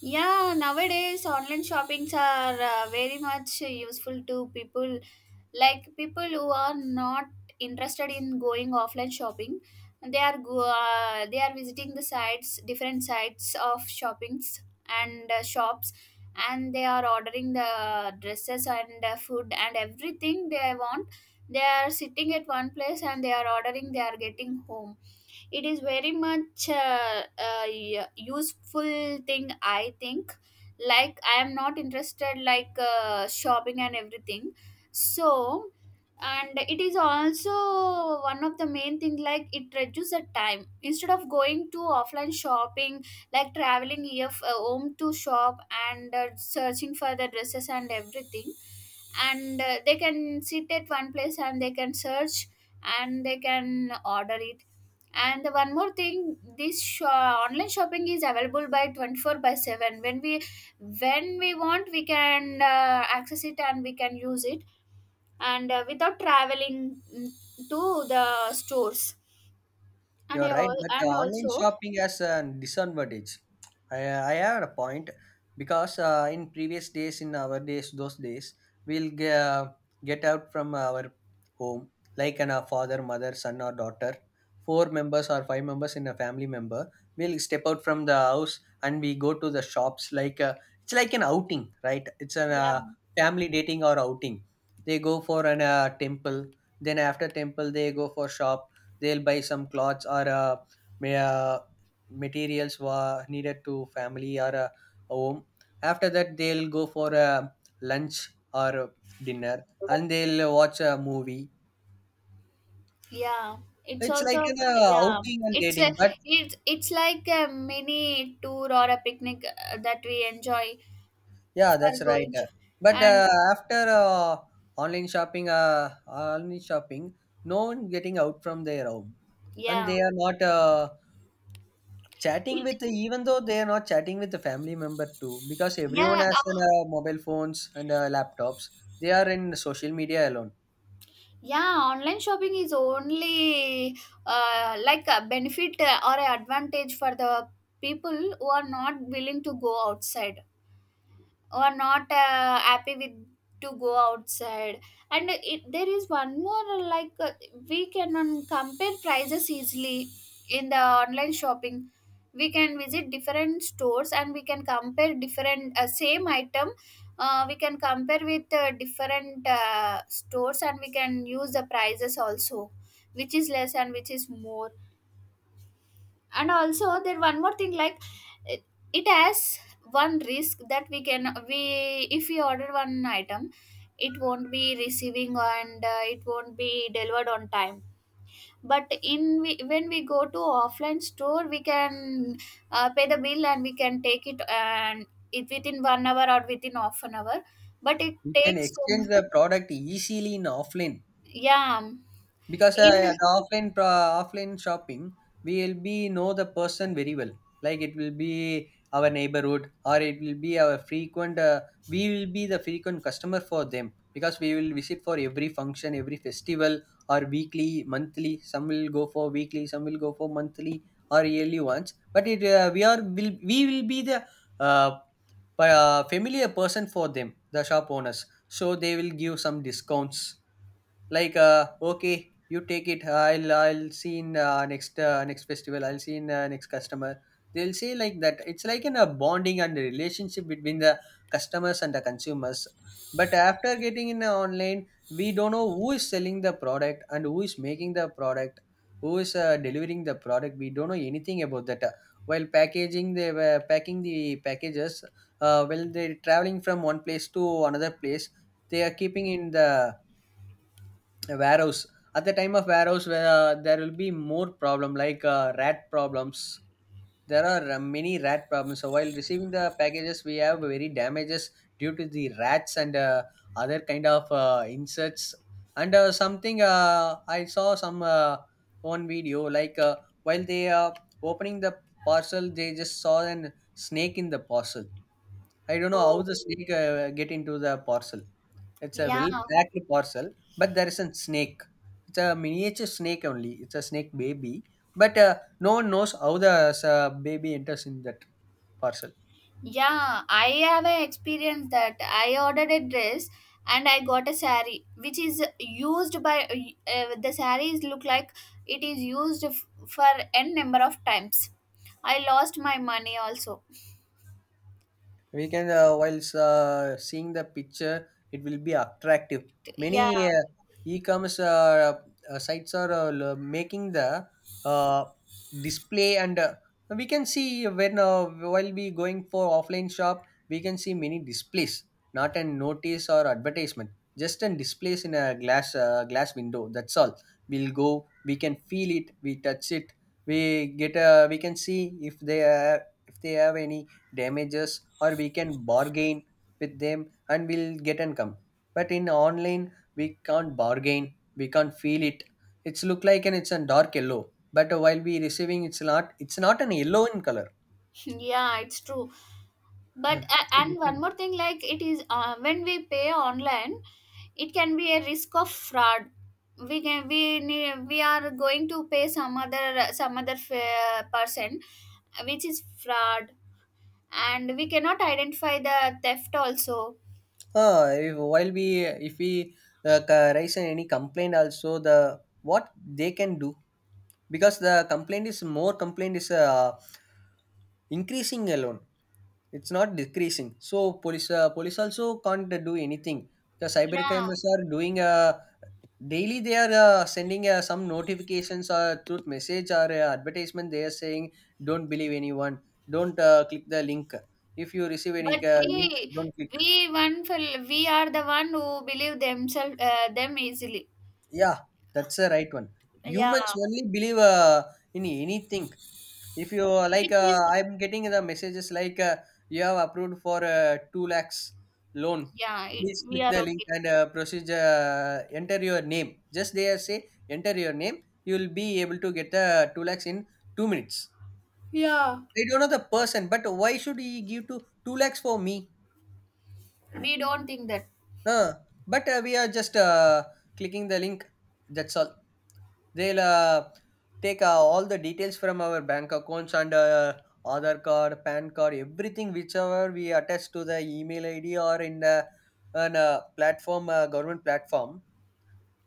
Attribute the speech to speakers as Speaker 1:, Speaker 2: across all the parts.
Speaker 1: Yeah, nowadays online shoppings are very much useful to people like people who are not interested in going offline shopping. They are visiting the sites, different sites of shoppings and shops, and they are ordering the dresses and food and everything they want. They are sitting at one place and they are ordering. They are getting home, it is very much useful thing I think, like I am not interested like shopping and everything, so. And it is also one of the main thing, like it reduces the time instead of going to offline shopping, like traveling here home to shop and searching for the dresses and everything, and they can sit at one place and they can search and they can order it. And the one more thing, this online shopping is available by 24 by 7. When we want, we can access it and we can use it, and without traveling to the stores. And
Speaker 2: You're
Speaker 1: I
Speaker 2: right,
Speaker 1: al-
Speaker 2: but
Speaker 1: and
Speaker 2: online
Speaker 1: also
Speaker 2: shopping has a disadvantage. I have a point because in previous days, in our days, those days, we'll get out from our home, like a father, mother, son, or daughter. Four members or five members in a family member will step out from the house and we go to the shops. Like it's like an outing, right? It's a
Speaker 1: yeah,
Speaker 2: family dating or outing. They go for an temple. Then after temple, they go for shop, they'll buy some clothes or ma- uh, materials needed to family or a home. After that they'll go for a lunch or dinner and they'll watch a movie.
Speaker 1: yeah. It's
Speaker 2: It's like an
Speaker 1: also, yeah.
Speaker 2: outing and
Speaker 1: it's a,
Speaker 2: dating, but
Speaker 1: it's it's like a mini tour or a picnic that we enjoy
Speaker 2: yeah,
Speaker 1: for
Speaker 2: that's right.
Speaker 1: going.
Speaker 2: But
Speaker 1: And,
Speaker 2: after online shopping online shopping, no one getting out from their home and
Speaker 1: yeah.
Speaker 2: they are not Chatting
Speaker 1: It.
Speaker 2: with even though they are not chatting with the family member too, because everyone
Speaker 1: Yeah.
Speaker 2: has an, mobile phones and laptops. They are in social media alone.
Speaker 1: Yeah, online shopping is only like a benefit or an advantage for the people who are not willing to go outside or not happy with to go outside. And there is one more we can compare prices easily in the online shopping. We can visit different stores and we can compare different same item. We can compare with different stores and we can use the prices also, which is less and which is more. And also there one more thing, like it, it has one risk that we can we if we order one item, it won't be receiving and it won't be delivered on time. But when we go to offline store we can pay the bill and we can take it, and it within 1 hour or within half an hour. But it
Speaker 2: You can
Speaker 1: takes so
Speaker 2: exchange
Speaker 1: mu-.
Speaker 2: the product easily in offline,
Speaker 1: Yeah.
Speaker 2: because
Speaker 1: In.
Speaker 2: yeah, the offline shopping, we will be know the person very well. Like, it will be our neighborhood or it will be our frequent we will be the frequent customer for them, because we will visit for every function, every festival, or weekly, monthly. Some will go for weekly, some will go for monthly or yearly ones. But it we are will we will be the uh, familiar person for them, the shop owners, so they will give some discounts like, okay, you take it. I'll see in next next festival. I'll see in next customer. They'll say like that. It's like in a bonding and a relationship between the customers and the consumers. But after getting in the online, we don't know who is selling the product and who is making the product, who is delivering the product. We don't know anything about that. While packaging, they were packing the packages. While they're traveling from one place to another place, they are keeping in the a warehouse. At the time of warehouse, where there will be more problem like rat problems, there are many rat problems, so while receiving the packages we have very damages due to the rats and other kind of insects. And something I saw some one video like while they are opening the parcel, they just saw an snake in the parcel. I don't know how
Speaker 1: Oh.
Speaker 2: the snake get into the parcel. It's a
Speaker 1: Yeah.
Speaker 2: well-packed parcel, but there is a snake. It's a miniature snake only. It's a snake baby, but no one knows how the baby enters in that parcel.
Speaker 1: Yeah, I have a experience that I ordered a dress and I got a sari which is used by, the saris look like it is used for n number of times. I lost my money also.
Speaker 2: We can whilst seeing the picture, it will be attractive.
Speaker 1: Yeah,
Speaker 2: Many e-commerce sites are making the uh, display. And we can see when while we going for offline shop, we can see many displays, not a notice or advertisement, just an displays in a glass glass window, that's all. We'll go, we can feel it, we touch it, we get a we can see if they are, if they have any damages, or we can bargain with them and we'll get an come. But in online, we can't bargain, we can't feel it. It's look like and it's a dark yellow, but while we receiving it's not, it's not an yellow in color.
Speaker 1: yeah, it's true. But
Speaker 2: It's a
Speaker 1: and one
Speaker 2: different.
Speaker 1: more thing, like it is, when we pay online, it can be a risk of fraud. We can we need, We are going to pay some other person which is fraud, and we cannot identify the theft also.
Speaker 2: Ah, if, while we, if we raise any complaint also, the what they can do, because the complaint is more, complaint is increasing alone. It's not decreasing. So police also can't do anything, because cyber
Speaker 1: Yeah.
Speaker 2: crimes are doing daily. They are sending some notifications or truth message or advertisement. They are saying don't believe anyone. Don't click the link. If you receive any
Speaker 1: But we
Speaker 2: link, don't click.
Speaker 1: we one fel- we are the one who believe themselves, them easily.
Speaker 2: Yeah, that's the right one.
Speaker 1: Yeah.
Speaker 2: Humans only believe in anything. If you
Speaker 1: Which is.
Speaker 2: I'm getting the messages like you have approved for 2 lakhs loan,
Speaker 1: Yeah, it,
Speaker 2: please
Speaker 1: we
Speaker 2: click
Speaker 1: are
Speaker 2: the link
Speaker 1: okay.
Speaker 2: and proceed enter your name. Just there say enter your name, you will be able to get the 2 lakhs in 2 minutes.
Speaker 1: Yeah.
Speaker 2: They don't know the person, but why should he give to 2 lakhs for me?
Speaker 1: We don't think that.
Speaker 2: Uh, but we are just clicking the link. That's all. They'll take all the details from our bank accounts and Aadhaar card, PAN card, everything whichever we attach to the email ID or in the on a platform, government platform.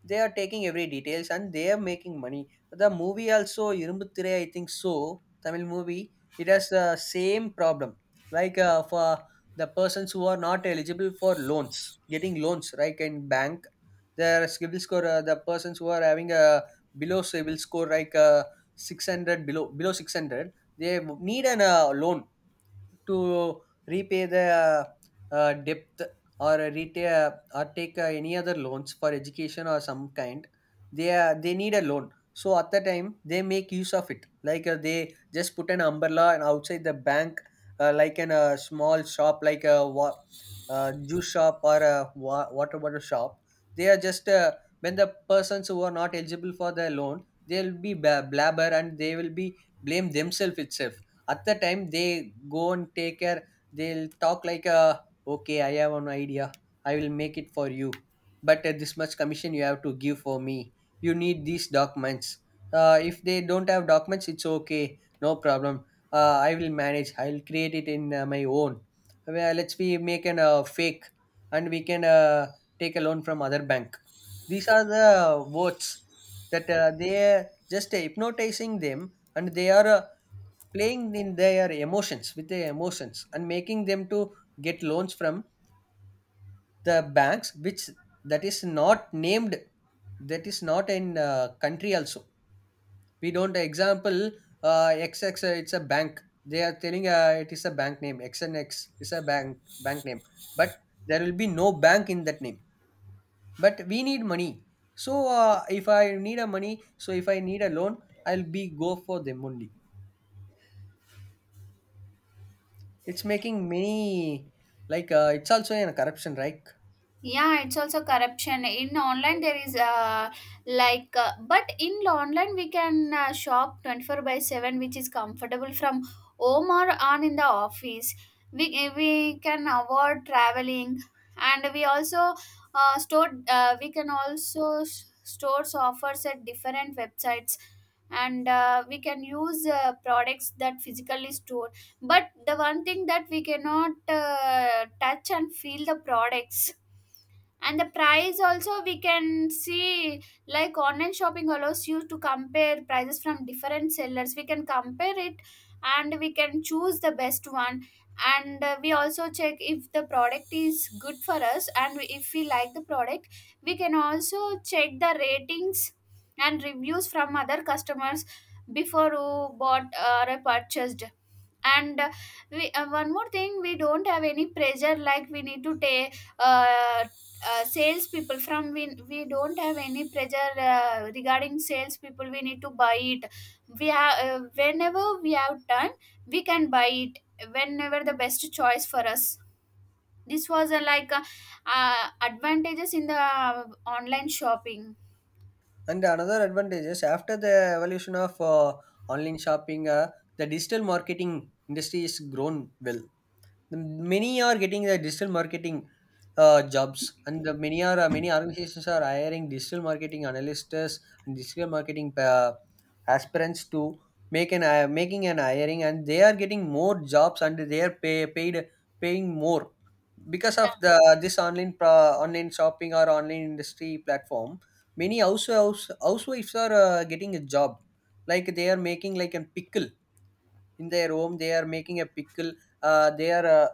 Speaker 2: They are taking every details and they are making money. The movie also Irumbuthirai, I think so. Tamil movie. It has the same problem. Like for the persons who are not eligible for loans, getting loans right in bank, their civil score. The persons who are having a below civil score like 600, below 600, they need an loan to repay the debt or repay, or take any other loans for education or some kind. They they need a loan, so at the time they make use of it. Like they just put an umbrella and outside the bank, like in a small shop, like a juice shop or a water bottle shop. They are just when the persons who are not eligible for the loan, they'll be blabber and they will be blame themselves itself. At the time they go and take care, they'll talk like, okay, I have an idea, I will make it for you, but this much commission you have to give for me. You need these documents. If they don't have documents, it's okay, no problem, I will manage, I'll create it in my own. Well, let's we make an fake and we can take a loan from other bank. These are the words that they are just hypnotizing them and they are playing in their emotions with their emotions, and making them to get loans from the banks which, that is not named, that is not in country also. We don't example, xx, it's a bank, they are telling it is a bank name, xnx is a bank name, but there will be no bank in that name. But we need money, so if I need a money so if I need a loan, I'll be go for them only. It's making many, like it's also in a corruption, right?
Speaker 1: Yeah, it's also corruption in online, there is but in online we can shop 24 by 7, which is comfortable from home or on in the office. We can avoid traveling, and we also store we can also stores offers at different websites, and we can use products that physically stored. But the one thing that we cannot touch and feel the products. And the price also we can see, like online shopping allows you to compare prices from different sellers, we can compare it and we can choose the best one. And we also check if the product is good for us, and if we like the product we can also check the ratings and reviews from other customers before who bought or purchased. And one more thing, we don't have any pressure like we need to take sales people, from we don't have any pressure regarding sales people we need to buy it. We have whenever we have time, we can buy it, whenever the best choice for us. This was advantages in the online shopping.
Speaker 2: And another advantage is, after the evolution of online shopping, the digital marketing industry is grown well. The many are getting the digital marketing jobs, and the many are many organizations are hiring digital marketing analysts and digital marketing aspirants to make an making an hiring. And they are getting more jobs and they are paid paying more because of
Speaker 1: Yeah.
Speaker 2: the online shopping or online industry platform. Many housewives are getting a job, like they are making like a pickle in their home. They are making a pickle. They are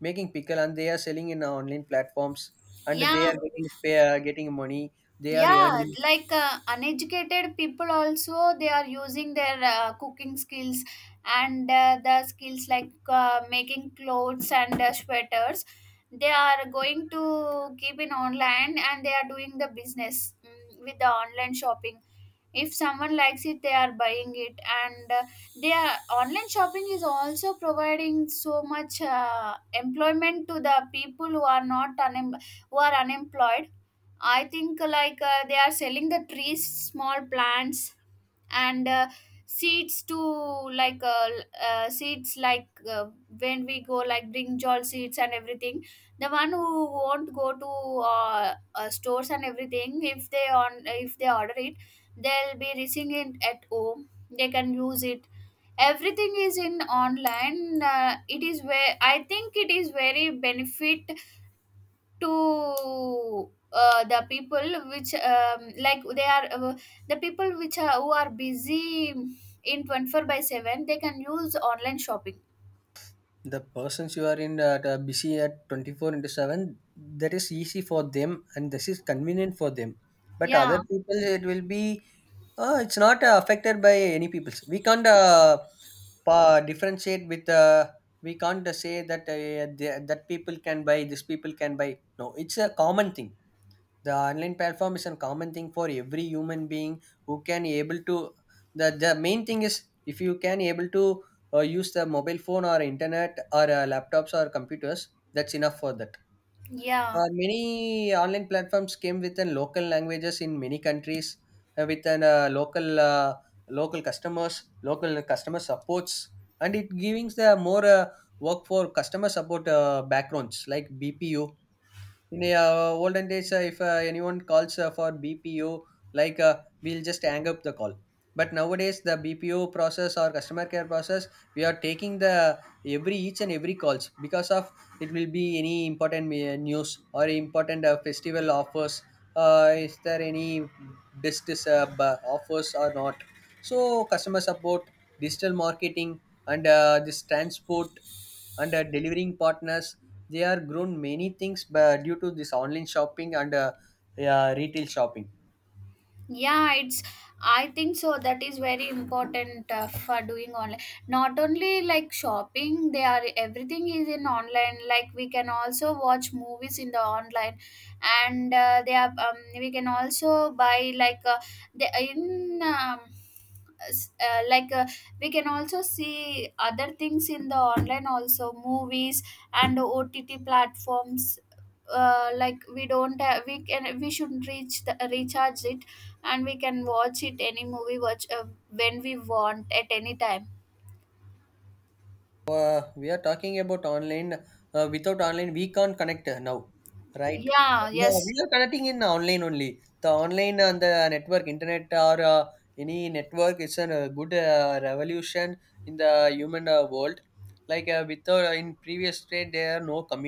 Speaker 2: making pickle and they are selling in online platforms, and they
Speaker 1: Yeah.
Speaker 2: are getting getting money. They are
Speaker 1: Yeah,
Speaker 2: earning.
Speaker 1: like uneducated people also, they are using their cooking skills and the skills like making clothes and sweaters. They are going to keep in online and they are doing the business with the online shopping. If someone likes it, they are buying it, and they are online shopping is also providing so much employment to the people who are not unem- who are unemployed. I think they are selling the trees, small plants, and seeds to like, seeds like, when we go, like brinjal seeds and everything. The one who won't go to stores and everything, if they on if they order it, they'll be receiving it at home. They can use it. Everything is in online. It is where I think it is very benefit to the people which, like they are the people which are who are busy in 24 by 7, they can use online shopping.
Speaker 2: The persons you are in that are busy at 24 into 7, that is easy for them and this is convenient for them. But
Speaker 1: Yeah.
Speaker 2: other people it will be it's not affected by any people. We can't differentiate with we can't say that that people can buy, this people can buy. No, it's a common thing. The online platform is a common thing for every human being who can able to, the main thing is, if you can able to use the mobile phone or internet or laptops or computers, that's enough for that.
Speaker 1: Yeah.
Speaker 2: Many online platforms came with an local languages in many countries, with an local local customers, local customer supports, and it giving the more work for customer support backgrounds like BPO. In olden days, if anyone calls for BPO, like we'll just hang up the call. But nowadays the BPO process or customer care process, we are taking the every each and every calls, because of it will be any important news or important festival offers, is there any business offers or not. So customer support, digital marketing, and this transport, and delivering partners, they are grown many things due to this online shopping and yeah, retail shopping.
Speaker 1: Yeah, it's I think so that is very important for doing online, not only like shopping. They are Everything is in online, like we can also watch movies in the online. And they are we can also buy, the in um, s- uh, like uh, we can also see other things in the online, also movies and OTT platforms. Like we don't have, we should reach the recharge it and we can watch it, any movie watch, when we want, at any time.
Speaker 2: So, we are talking about online, without online we can't connect now, right?
Speaker 1: Yeah,
Speaker 2: Yeah, we
Speaker 1: yes.
Speaker 2: are connecting in online only. The online and the network internet or any network is a good revolution in the human world. Like without in previous state there are no community.